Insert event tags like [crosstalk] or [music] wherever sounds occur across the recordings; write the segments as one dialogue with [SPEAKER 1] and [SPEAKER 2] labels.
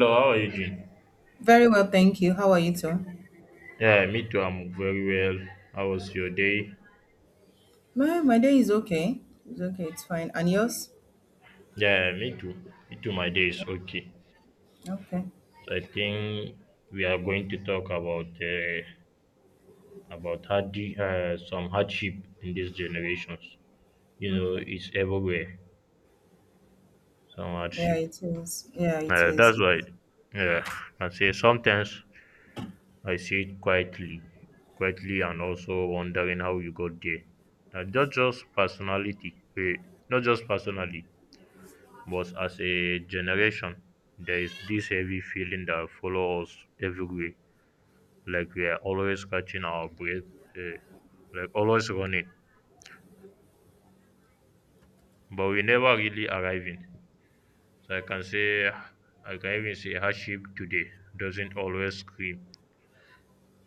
[SPEAKER 1] Hello, how are you doing?
[SPEAKER 2] Very well, thank you. How are you too?
[SPEAKER 1] Yeah, me too. I'm very well. How was your day?
[SPEAKER 2] My day is okay. It's okay. It's fine. And yours?
[SPEAKER 1] Yeah, me too. Me too. My day is okay.
[SPEAKER 2] Okay.
[SPEAKER 1] So I think we are going to talk about some hardship in these generations. You know,
[SPEAKER 2] Okay.
[SPEAKER 1] it's everywhere. Some
[SPEAKER 2] Yeah,
[SPEAKER 1] hardship.
[SPEAKER 2] it is. Yeah, it is.
[SPEAKER 1] That's why.
[SPEAKER 2] It's,
[SPEAKER 1] Yeah, I say sometimes I see it quietly, quietly, and also wondering how you got there. Not just not just personally. But as a generation, there is this heavy feeling that follows us everywhere, like we are always catching our breath, eh, like always running, but we never really arriving. So I can say, I can even say hardship today doesn't always scream.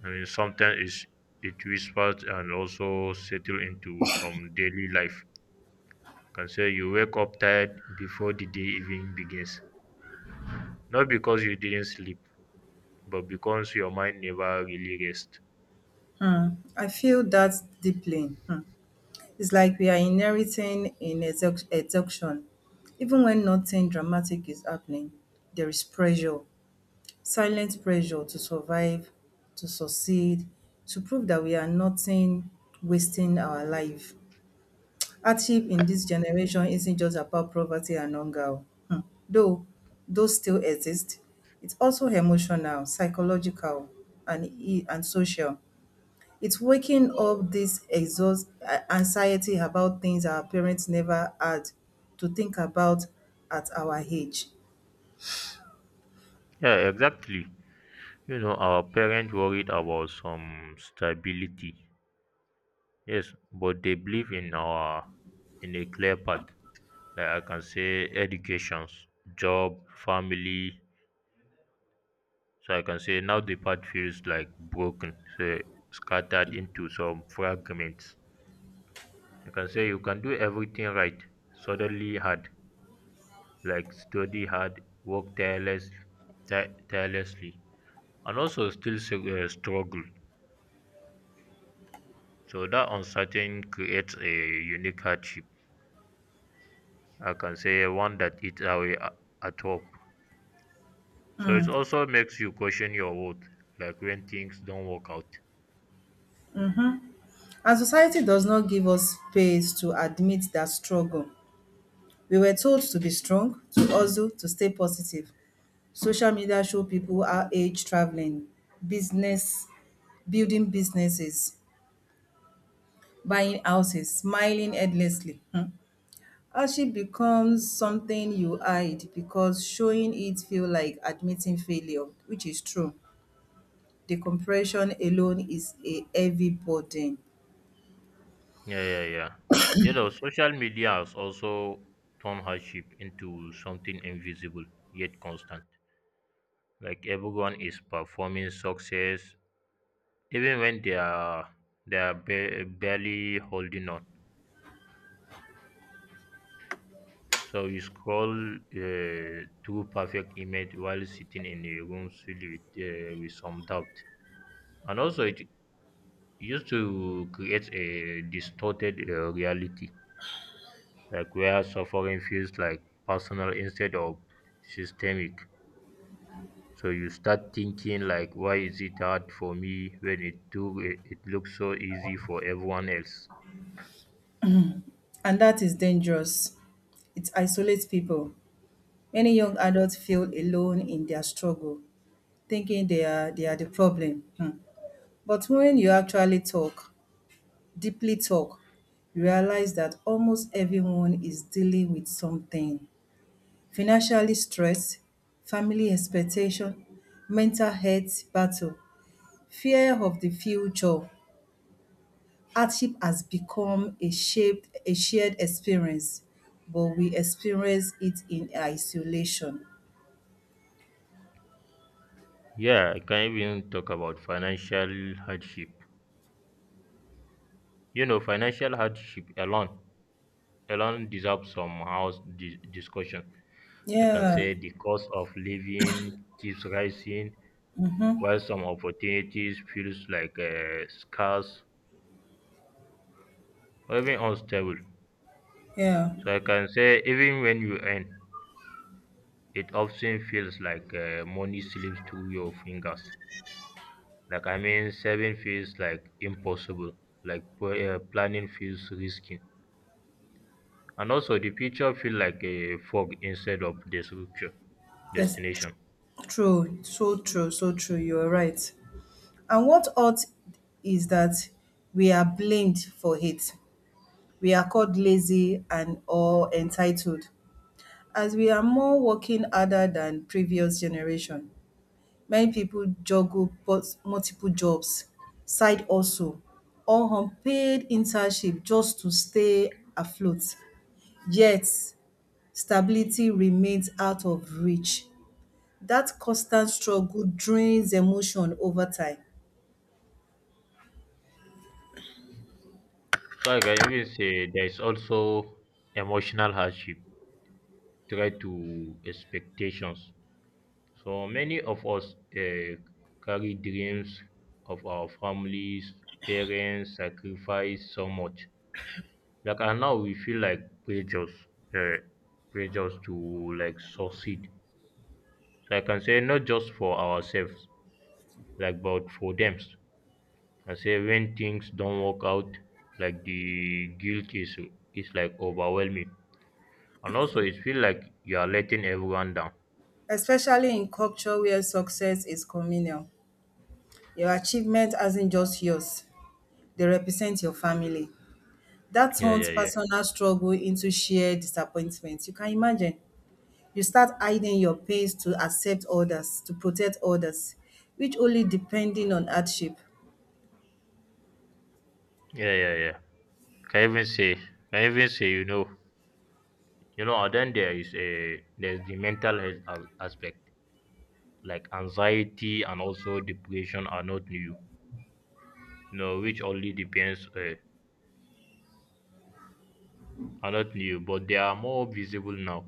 [SPEAKER 1] I mean, sometimes it whispers and also settle into some daily life. Can say you wake up tired before the day even begins, not because you didn't sleep, but because your mind never really rests.
[SPEAKER 2] hmm. I feel that deeply. Hmm. It's like we are inheriting in exhaustion. Even when nothing dramatic is happening, there is pressure, silent pressure to survive, to succeed, to prove that we are nothing wasting our life. Hardship in this generation isn't just about poverty and hunger, o. Though those still exist. It's also emotional, psychological, and social. It's waking up this anxiety about things our parents never had to think about at our age.
[SPEAKER 1] Yeah, exactly. You know, our parents worried about some stability. Yes, but they believe in our in a clear path. Like I can say educations, job, family. So I can say now the path feels like broken, so scattered into some fragments. I can say you can do everything right, suddenly hard, like study hard, work tireless, tirelessly, and also still struggle. So that uncertain creates a unique hardship. I can say one that eats away at hope. So it also makes you question your worth, like when things don't work out.
[SPEAKER 2] And society does not give us space to admit that struggle. We were told to be strong, to hustle, to stay positive. Social media show people our age traveling, business, building businesses, buying houses, smiling endlessly. Hmm. Hardship becomes something you hide because showing it feel like admitting failure, which is true. The compression alone is a heavy burden,
[SPEAKER 1] Yeah, yeah, yeah. You know, social media has also turned hardship into something invisible yet constant. Like everyone is performing success, even when they are barely holding on. So you scroll through perfect image while sitting in a room filled with with some doubt. And also, it used to create a distorted reality, like where suffering feels like personal instead of systemic. So you start thinking like, why is it hard for me when it looks so easy for everyone else?
[SPEAKER 2] and that is dangerous. It isolates people. Many young adults feel alone in their struggle, thinking they are the problem. Hmm. But when you actually talk, deeply talk, realize that almost everyone is dealing with something. Financially stress, family expectation, mental health battle, fear of the future. Hardship has become a shaped a shared experience, but we experience it in isolation.
[SPEAKER 1] Yeah, I can even talk about financial hardship. You know, financial hardship alone deserves some discussion. I can
[SPEAKER 2] Yeah,
[SPEAKER 1] say the cost of living keeps rising, while some opportunities feels like scarce or even unstable.
[SPEAKER 2] yeah.
[SPEAKER 1] So I can say even when you earn, it often feels like money slips through your fingers. Like I mean, saving feels like impossible. Like planning feels risky, and also the future feels like a fog instead of the structure
[SPEAKER 2] That's tr-
[SPEAKER 1] destination.
[SPEAKER 2] True, so true, so true. You're right. And what hurt is that we are blamed for it. We are called lazy and or entitled as we are more working harder than previous generation. Many people juggle both multiple jobs, side hustle or unpaid internship just to stay afloat. Yet stability remains out of reach. That constant struggle drains emotion over time,
[SPEAKER 1] So I can even say there is also emotional hardship tied to expectations. So many of us carry dreams of our families, parents, sacrifice so much. Like and now we feel like pressures, uh, pressures to like succeed. So I can say not just for ourselves, like but for them. I say when things don't work out, like the guilt is like overwhelming. And also, it feels like you are letting everyone down.
[SPEAKER 2] especially in culture where success is communal. Your achievement isn't just yours, they represent your family. That
[SPEAKER 1] Yeah,
[SPEAKER 2] turns
[SPEAKER 1] yeah, yeah,
[SPEAKER 2] personal struggle into shared disappointment. You can imagine. You start hiding your pains to accept others, to protect others, which only depending on hardship.
[SPEAKER 1] yeah, yeah, yeah. Can even say, can even say, you know, and then there is a there's the mental health aspect, like anxiety and also depression are not new, you know, which only depends are not new, but they are more visible now.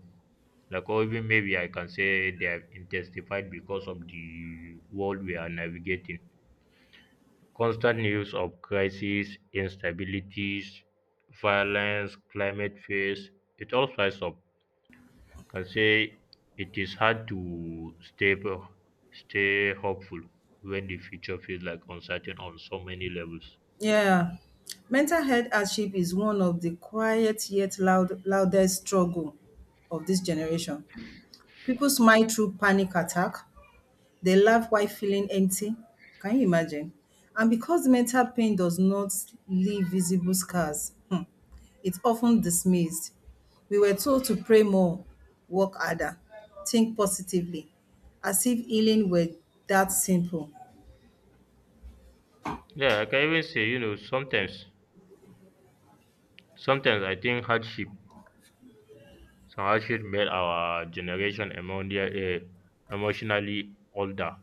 [SPEAKER 1] Like or even maybe I can say they have intensified because of the world we are navigating. Constant news of crises, instabilities, violence, climate fears, it all flies up. Can say it is hard to stay hopeful when the future feels like uncertain on so many levels.
[SPEAKER 2] Yeah. Mental health hardship is one of the quiet yet loudest struggle of this generation. People smile through panic attack. They laugh while feeling empty. Can you imagine? And because mental pain does not leave visible scars, hmm, it's often dismissed. We were told to pray more, work harder, think positively, as if healing were that simple.
[SPEAKER 1] Yeah, I can even say you know sometimes I think hardship some hardship made our generation emotionally older,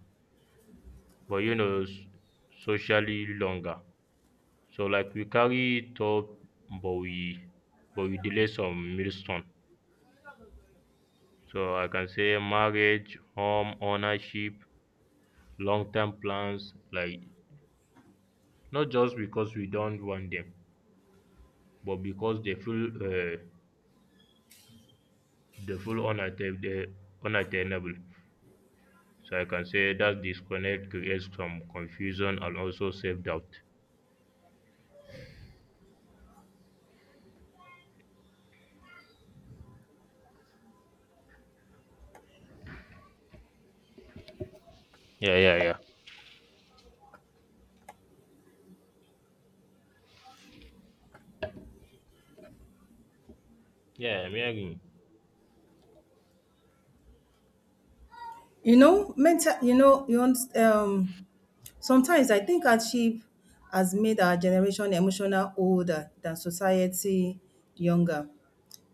[SPEAKER 1] but you know socially longer. So like we carry top but we but we delay some milestone. So I can say marriage, home ownership, long term plans like not just because we don't want them, but because they feel unattainable. So I can say that disconnect creates some confusion and also self doubt. Yeah, yeah, yeah. Yeah, I'm hearing you.
[SPEAKER 2] You know, mental, you know, you want, sometimes I think hardship has made our generation emotional older than society younger.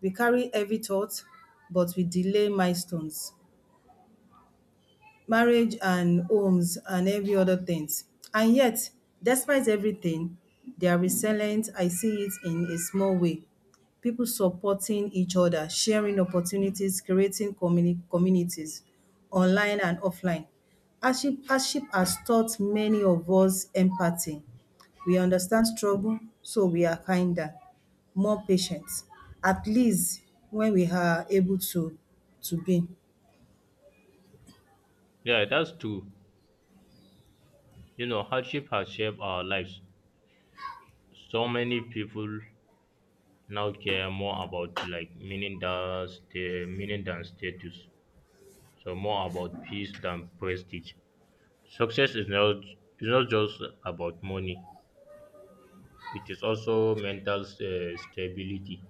[SPEAKER 2] We carry heavy thoughts, but we delay milestones, marriage and homes and every other things. And yet, despite everything, they are resilient. I see it in a small way. People supporting each other, sharing opportunities, creating communities online and offline. Hardship has taught many of us empathy. We understand struggle, so we are kinder, more patient, at least when we are able to be.
[SPEAKER 1] Yeah, that's true. You know, hardship has shaped our lives. So many people now care more about like meaning than status. So more about peace than prestige. Success is not just about money. It is also mental stability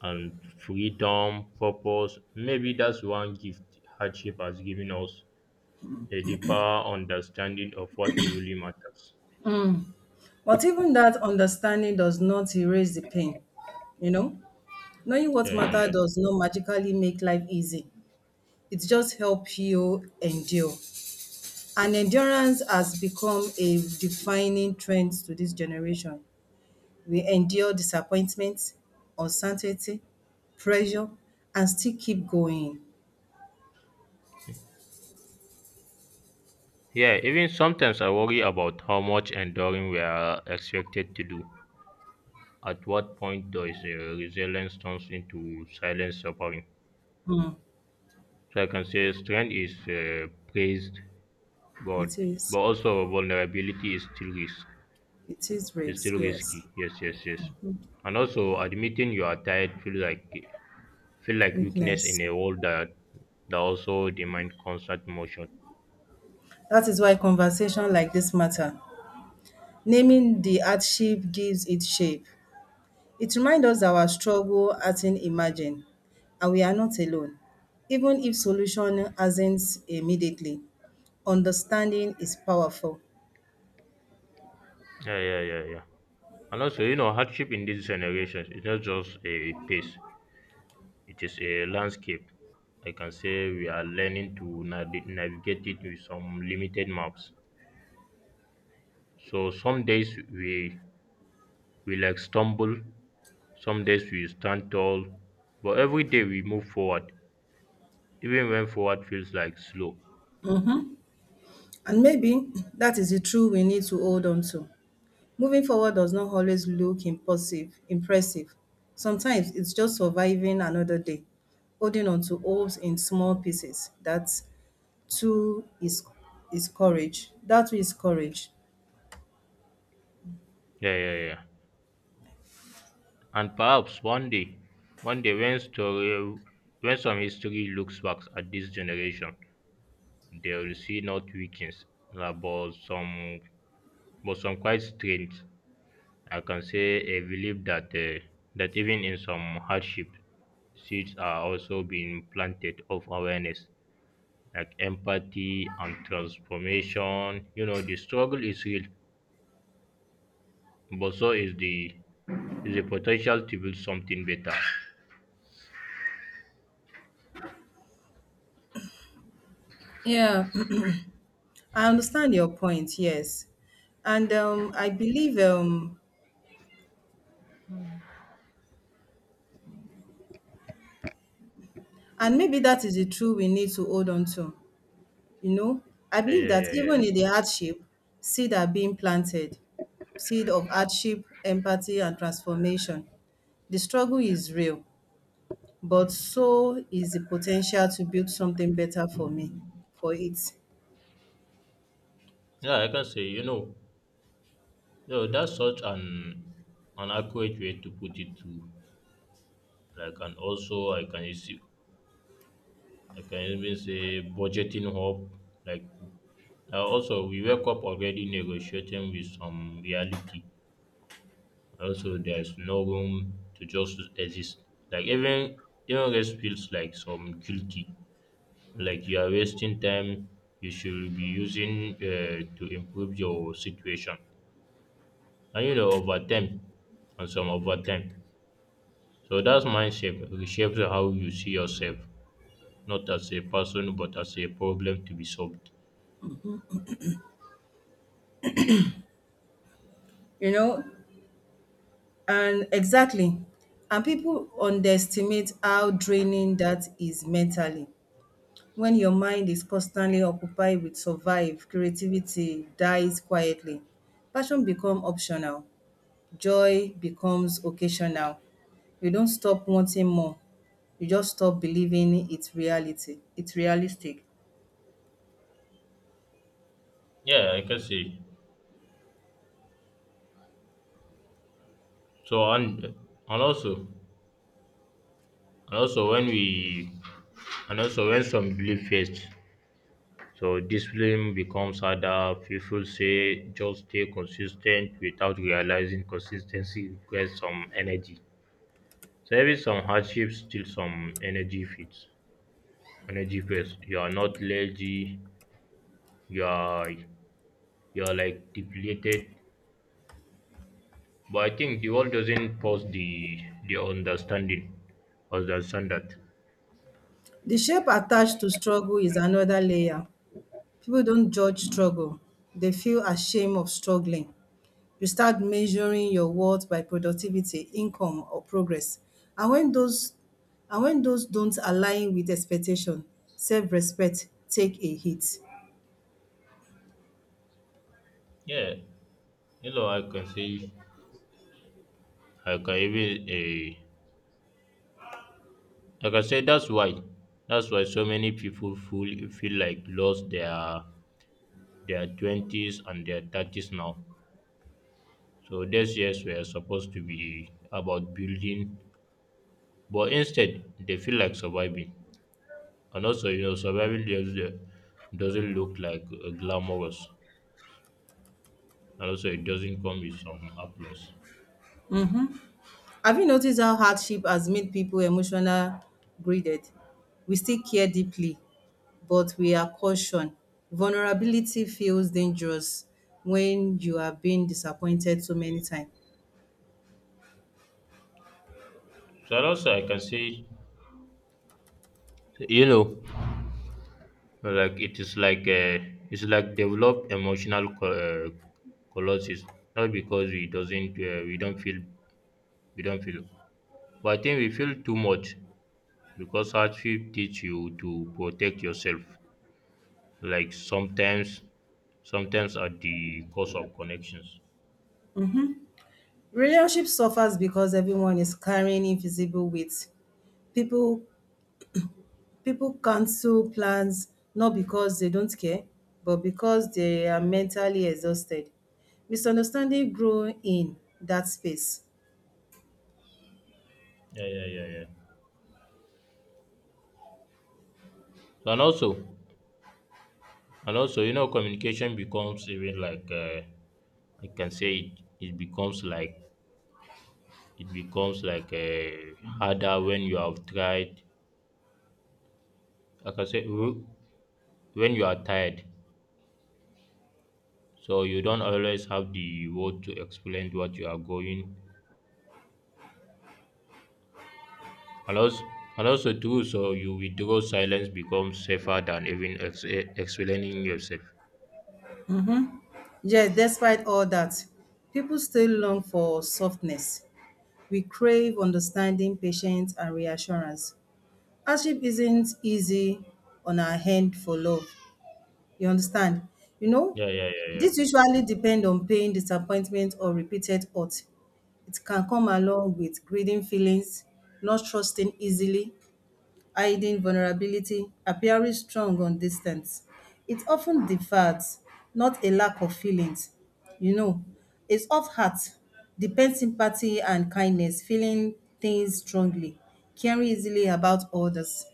[SPEAKER 1] and freedom, purpose. Maybe that's one gift hardship has given us a deeper understanding of what truly matters.
[SPEAKER 2] But even that understanding does not erase the pain, you know? Knowing what
[SPEAKER 1] Yeah, yeah,
[SPEAKER 2] matter
[SPEAKER 1] yeah.
[SPEAKER 2] does not magically make life easy. It just helps you endure. And endurance has become a defining trend to this generation. We endure disappointment, uncertainty, pressure, and still keep going.
[SPEAKER 1] Yeah, even sometimes I worry about how much enduring we are expected to do. At what point does resilience turns into silent suffering?
[SPEAKER 2] Hmm.
[SPEAKER 1] So I can say strength is praised, but
[SPEAKER 2] It is.
[SPEAKER 1] but also vulnerability is still risk.
[SPEAKER 2] It is
[SPEAKER 1] Is
[SPEAKER 2] risk,
[SPEAKER 1] still
[SPEAKER 2] yes.
[SPEAKER 1] risky. Yes, yes, yes. And also admitting you are tired feel like weakness
[SPEAKER 2] Weakness.
[SPEAKER 1] in a world that that also demand constant motion.
[SPEAKER 2] That is why conversation like this matter. Naming the hardship gives it shape. It reminds us that our struggle hasn't imagined and we are not alone, even if solution hasn't immediately. Understanding is powerful.
[SPEAKER 1] Yeah, yeah, yeah, yeah. And also, you know, hardship in these generations is not just a pace. It is a landscape. I can say we are learning to navigate it with some limited maps. So some days we like stumble, some days we stand tall, but every day we move forward, even when forward feels like slow.
[SPEAKER 2] And maybe that is the truth we need to hold on to. Moving forward does not always look impulsive, impressive. Sometimes it's just surviving another day, holding on to hopes in small pieces. That too is courage. That too is courage.
[SPEAKER 1] Yeah, yeah, yeah. And perhaps one day when some history looks back at this generation, they will see not weakness, uh, but some, but some quite strength. I can say a belief that that even in some hardship, seeds are also being planted of awareness, like empathy and transformation. You know, the struggle is real, but so is the potential to build something better.
[SPEAKER 2] Yeah, [clears throat] I understand your point. Yes. And I believe, and maybe that is the truth we need to hold on to. You know, I
[SPEAKER 1] Yeah,
[SPEAKER 2] believe
[SPEAKER 1] yeah,
[SPEAKER 2] that
[SPEAKER 1] yeah, yeah,
[SPEAKER 2] even
[SPEAKER 1] yes.
[SPEAKER 2] in the hardship, seed are being planted, seed of hardship, empathy, and transformation. The struggle is real, but so is the potential to build something better for me, for it.
[SPEAKER 1] Yeah, I can say, you know, that's such an accurate way to put it too. Like and also I can even say budgeting hope, like. Also, we wake up already negotiating with some reality. Also, there's no room to just exist. Like even rest feels like some guilty. Like you are wasting time. You should be using to improve your situation. And you know, over time, and some over time. So that's mindset reshapes how you see yourself, not as a person, but as a problem to be solved.
[SPEAKER 2] You know, and exactly. And people underestimate how draining that is mentally. When your mind is constantly occupied with survive, creativity dies quietly. Passion becomes optional, joy becomes occasional. You don't stop wanting more, you just stop believing it's realistic.
[SPEAKER 1] Yeah, I can see. So And also when we and also when some belief fades, so discipline becomes harder. People say just stay consistent without realizing consistency requires some energy. So even some hardships still some energy fits. Energy fits. You are not lazy, you are like depleted. But I think the world doesn't pause the understanding. Understand that.
[SPEAKER 2] The shape attached to struggle is another layer. People don't judge struggle. They feel ashamed of struggling. You start measuring your worth by productivity, income or progress. And when those and when those don't align with expectation, self-respect take a hit.
[SPEAKER 1] Yeah, you know I can see I can even eh, Like I said, that's why so many people feel like lost their twenties and their thirties now. So these years were supposed to be about building, but instead they feel like surviving. And also, you know, surviving doesn't look like glamorous, and also it doesn't come with some applause.
[SPEAKER 2] Have you noticed how hardship has made people emotional graded? We still care deeply, but we are caution. Vulnerability feels dangerous when you have been disappointed so many times.
[SPEAKER 1] So and also, I can say, you know, like it is like it's like develop emotional colossus not because we don't feel, we don't feel but I think we feel too much because hardship teach you to protect yourself, like sometimes, sometimes at the cost of connections.
[SPEAKER 2] Relationship suffers because everyone is carrying invisible weight. People People cancel plans not because they don't care, but because they are mentally exhausted. Misunderstanding grow in that space.
[SPEAKER 1] Yeah, yeah, yeah, yeah. So and also, and also you know communication becomes even like I can say it becomes like harder when you have tried. Like I said, when you are tired, so you don't always have the word to explain what you are going. And also, and also too, so you withdraw silence becomes safer than even explaining yourself.
[SPEAKER 2] Yet, despite all that, people still long for softness. We crave understanding, patience, and reassurance. Hardship isn't easy on our hand for love. You understand? You know,
[SPEAKER 1] Yeah, yeah, yeah, yeah,
[SPEAKER 2] this usually depend on pain, disappointment or repeated hurt. It can come along with greeding feelings, not trusting easily, hiding vulnerability, appearing strong on distance. It often defies not a lack of feelings. You know, it's of heart, depends sympathy and kindness, feeling things strongly, caring easily about others.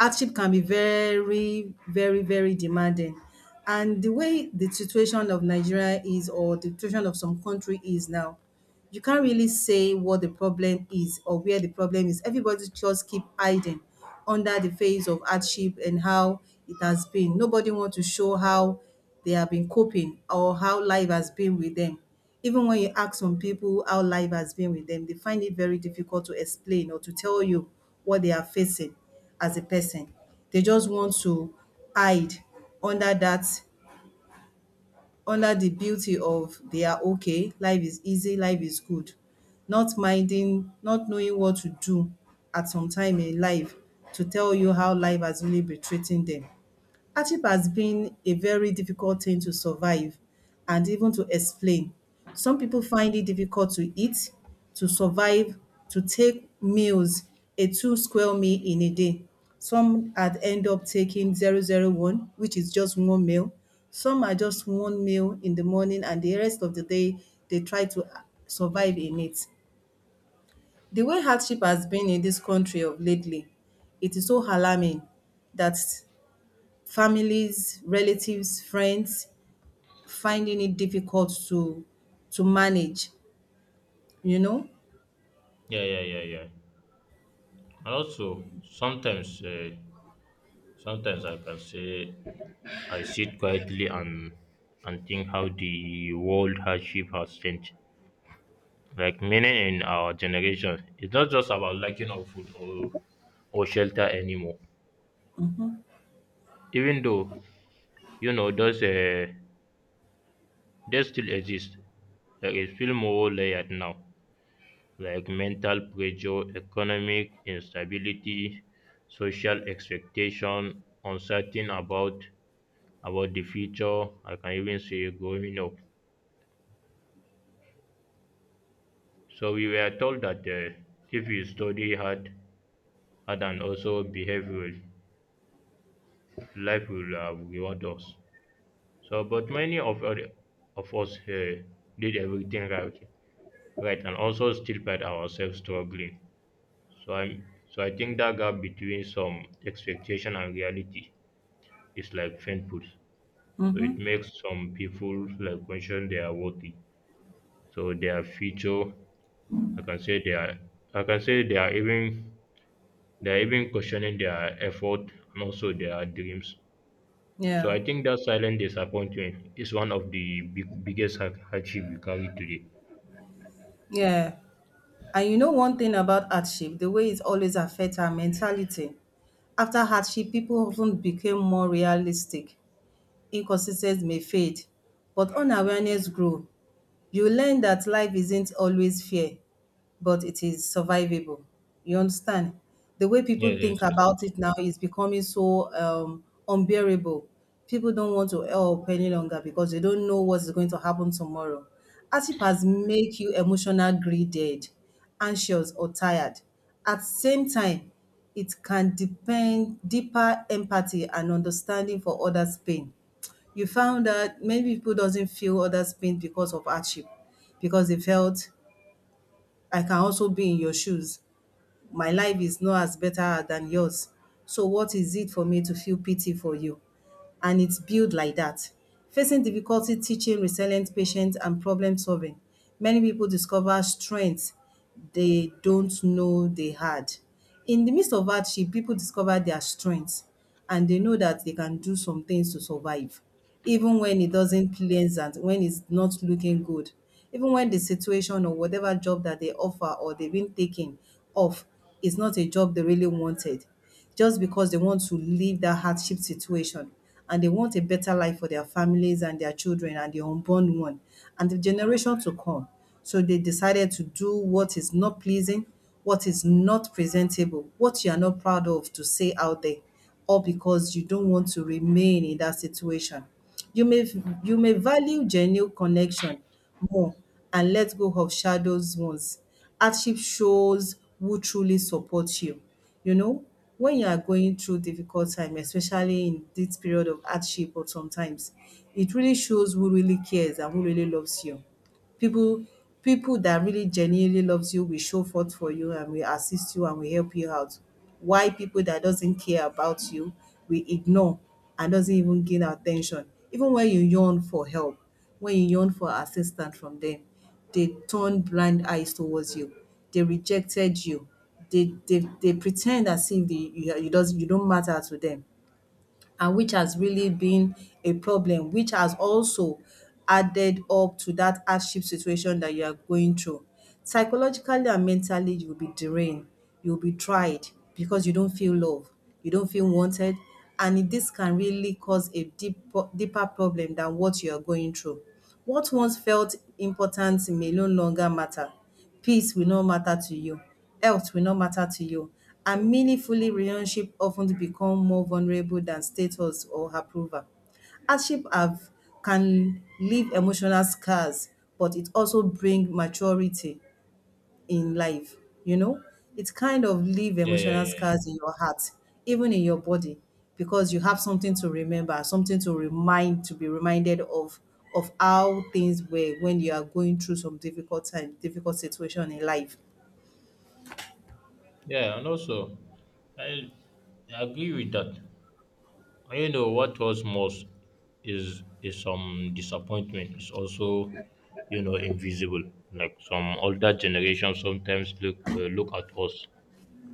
[SPEAKER 2] Hardship can be very, very, very demanding. And the way the situation of Nigeria is or the situation of some country is now, you can't really say what the problem is or where the problem is. Everybody just keep hiding under the face of hardship and how it has been. Nobody want to show how they have been coping or how life has been with them. Even when you ask some people how life has been with them, they find it very difficult to explain or to tell you what they are facing as a person. They just want to hide under that under the beauty of they are okay, life is easy, life is good. Not minding, not knowing what to do at some time in life to tell you how life has really been treating them. Hardship has been a very difficult thing to survive and even to explain. Some people find it difficult to eat, to survive, to take meals, a two square meal in a day. Some had end up taking 0-0-1, which is just one meal. Some are just one meal in the morning and the rest of the day they try to survive in it. The way hardship has been in this country of lately, it is so alarming that families, relatives, friends finding it difficult to manage, you know?
[SPEAKER 1] yeah, yeah, yeah, yeah. And also, sometimes, sometimes I can say I sit quietly and think how the world hardship has changed. Like meaning in our generation, it's not just about lacking of food or shelter anymore. Even though you know those they still exist, like it's feel more layered now. Like mental pressure, economic instability, social expectation, uncertain about the future. I can even say growing up. So we were told that if we study hard and also behave well, life will reward us. So, but many of us did everything right, and also still find ourselves struggling. So I'm so I think that gap between some expectation and reality is like painful. So
[SPEAKER 2] Mhm.
[SPEAKER 1] it makes some people like question they are worthy. So their future, I can say they are, I can say they are even questioning their effort and also their dreams. So
[SPEAKER 2] Yeah.
[SPEAKER 1] I think that silent disappointment is one of the biggest hardship we carry today.
[SPEAKER 2] Yeah. And you know one thing about hardship, the way it always affects our mentality. After hardship, people often became more realistic. Inconsistencies may fade, but unawareness grow. You learn that life isn't always fair, but it is survivable. You understand? The way people
[SPEAKER 1] Yes,
[SPEAKER 2] think
[SPEAKER 1] yes, yes,
[SPEAKER 2] about
[SPEAKER 1] yes.
[SPEAKER 2] it now is becoming so unbearable. People don't want to help any longer because they don't know what's going to happen tomorrow. Hardship has make you emotional greedy, anxious, or tired. At the same time, it can depend deeper empathy and understanding for others' pain. You found that many people doesn't feel others pain because of hardship, because they felt I can also be in your shoes. My life is not as better than yours. So what is it for me to feel pity for you? And it's built like that. Facing difficulty, teaching, resilient, patient, and problem solving. Many people discover strengths they don't know they had. In the midst of hardship, people discover their strengths, and they know that they can do some things to survive, even when it doesn't pleasant, when it's not looking good, even when the situation or whatever job that they offer or they've been taking off is not a job they really wanted just because they want to leave that hardship situation and they want a better life for their families and their children and the unborn one and the generation to come. So they decided to do what is not pleasing, what is not presentable, what you are not proud of to say out there, all because you don't want to remain in that situation. You may value genuine connection more and let go of shadows ones. Hardship shows who truly supports you. You know, when you are going through difficult time, especially in this period of hardship or sometimes, it really shows who really cares and who really loves you. people People that really genuinely loves you will show forth for you and will assist you and will help you out. Why people that doesn't care about you will ignore and doesn't even gain attention even when you yearn for help, when you yearn for assistance from them, they turn blind eyes towards you, they rejected you, they pretend as if you don't matter to them, and which has really been a problem, which has also added up to that hardship situation that you are going through. Psychologically and mentally, you will be drained, you will be tried because you don't feel loved, you don't feel wanted, and this can really cause a deeper problem than what you are going through. What once felt important may no longer matter. Peace will not matter to you. Health will not matter to you. And meaningfully relationship often become more vulnerable than status or approval. Hardship have can leave emotional scars, but it also bring maturity in life, you know? It kind of leave
[SPEAKER 1] Yeah, yeah,
[SPEAKER 2] emotional
[SPEAKER 1] yeah,
[SPEAKER 2] scars
[SPEAKER 1] yeah.
[SPEAKER 2] in your heart, even in your body, because you have something to remember, something to remind, to be reminded of how things were when you are going through some difficult time, difficult situation in life.
[SPEAKER 1] Yeah, and also, I agree with that. And what was most is some disappointment. It's also, invisible. Like some older generation sometimes look at us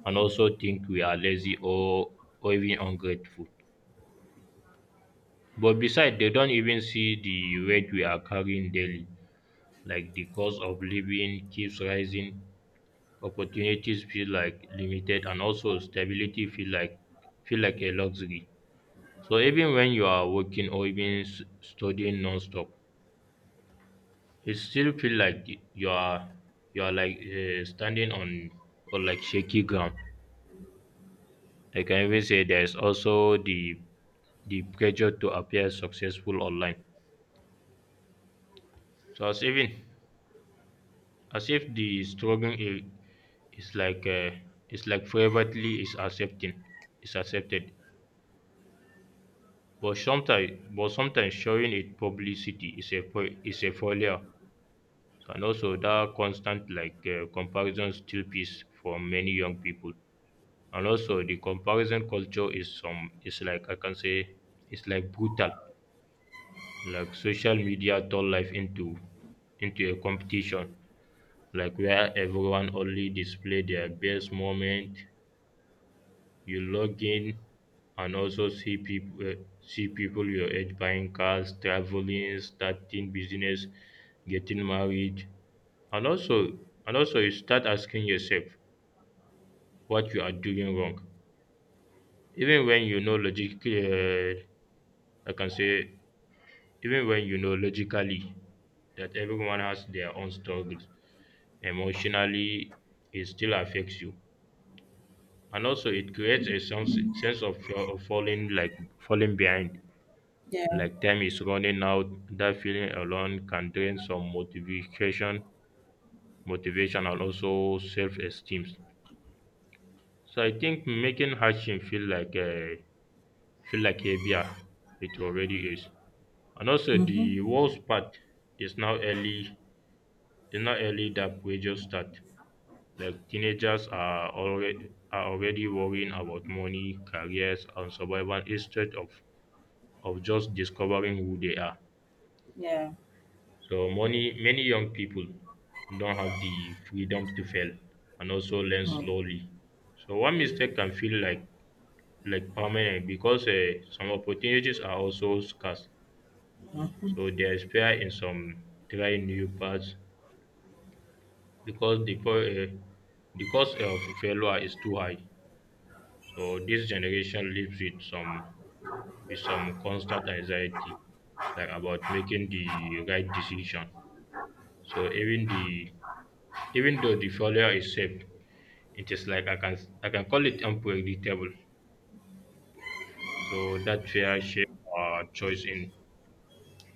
[SPEAKER 1] and also think we are lazy or even ungrateful. But besides, they don't even see the weight we are carrying daily. Like the cost of living keeps rising, opportunities feel like limited and also stability feel like a luxury, so even when you are working or even studying nonstop, it still feel like you are standing on or like shaky ground. Like I can even say there's also the pressure to appear successful online, so as even as if is it's like privately is accepted. But sometimes showing it publicity is is a failure, and also that constant comparison still piece for many young people, and also the comparison culture is like I can say it's like brutal, like social media turn life into a competition, like where everyone only display their best moment. You log in and also see people your age buying cars, traveling, starting business, getting married, and also and also you start asking yourself what you are doing wrong. Even when you know logically I can say Even when you know logically that everyone has their own struggles emotionally, it still affects you, and also it creates a sense of fear of falling, like falling behind,
[SPEAKER 2] Yeah.
[SPEAKER 1] like time is running out. That feeling alone can drain some motivation and also self-esteem. So I think making hardship feel like heavier it already is. And also the worst part is now early is now early, that we just start, like teenagers are already worrying about money, careers and survival instead of just discovering who they are.
[SPEAKER 2] Yeah.
[SPEAKER 1] So many young people don't have the freedom to fail and also learn
[SPEAKER 2] Mm.
[SPEAKER 1] slowly. So one mistake can feel like permanent, because some opportunities are also scarce. So they fear in some trying new paths because the cost of failure is too high. So this generation lives with some constant anxiety, like about making the right decision. So even though the failure is safe, it is like I can call it unpredictable. So that's where shape our choice in.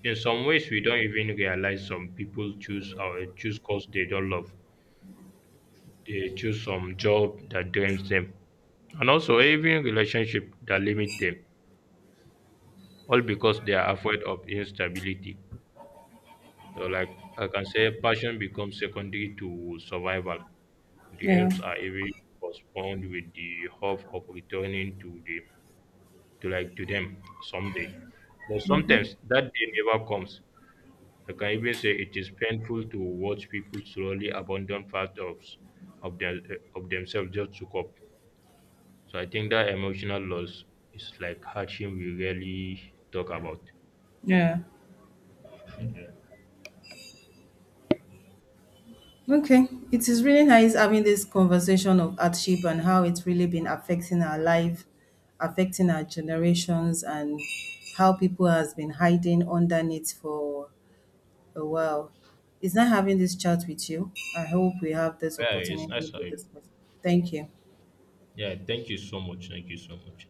[SPEAKER 1] In some ways, we don't even realize some people choose cause they don't love. They choose some job that drains them, and also even relationship that limit them, all because they are afraid of instability. So, like I can say, passion becomes secondary to survival.
[SPEAKER 2] Yeah.
[SPEAKER 1] Dreams are even postponed with the hope of returning to like to them someday. But sometimes that day never comes. I can even say it is painful to watch people slowly abandon part of, their, of themselves just to cope. So I think that emotional loss is like hardship we rarely talk about.
[SPEAKER 2] Yeah. Okay, it is really nice having this conversation of hardship and how it's really been affecting our life, affecting our generations, and how people has been hiding underneath for a while. It's nice having this chat with you. I hope we have this
[SPEAKER 1] Yeah, it's
[SPEAKER 2] opportunity
[SPEAKER 1] nice.
[SPEAKER 2] to discuss. Thank you.
[SPEAKER 1] Yeah, thank you so much. Thank you so much.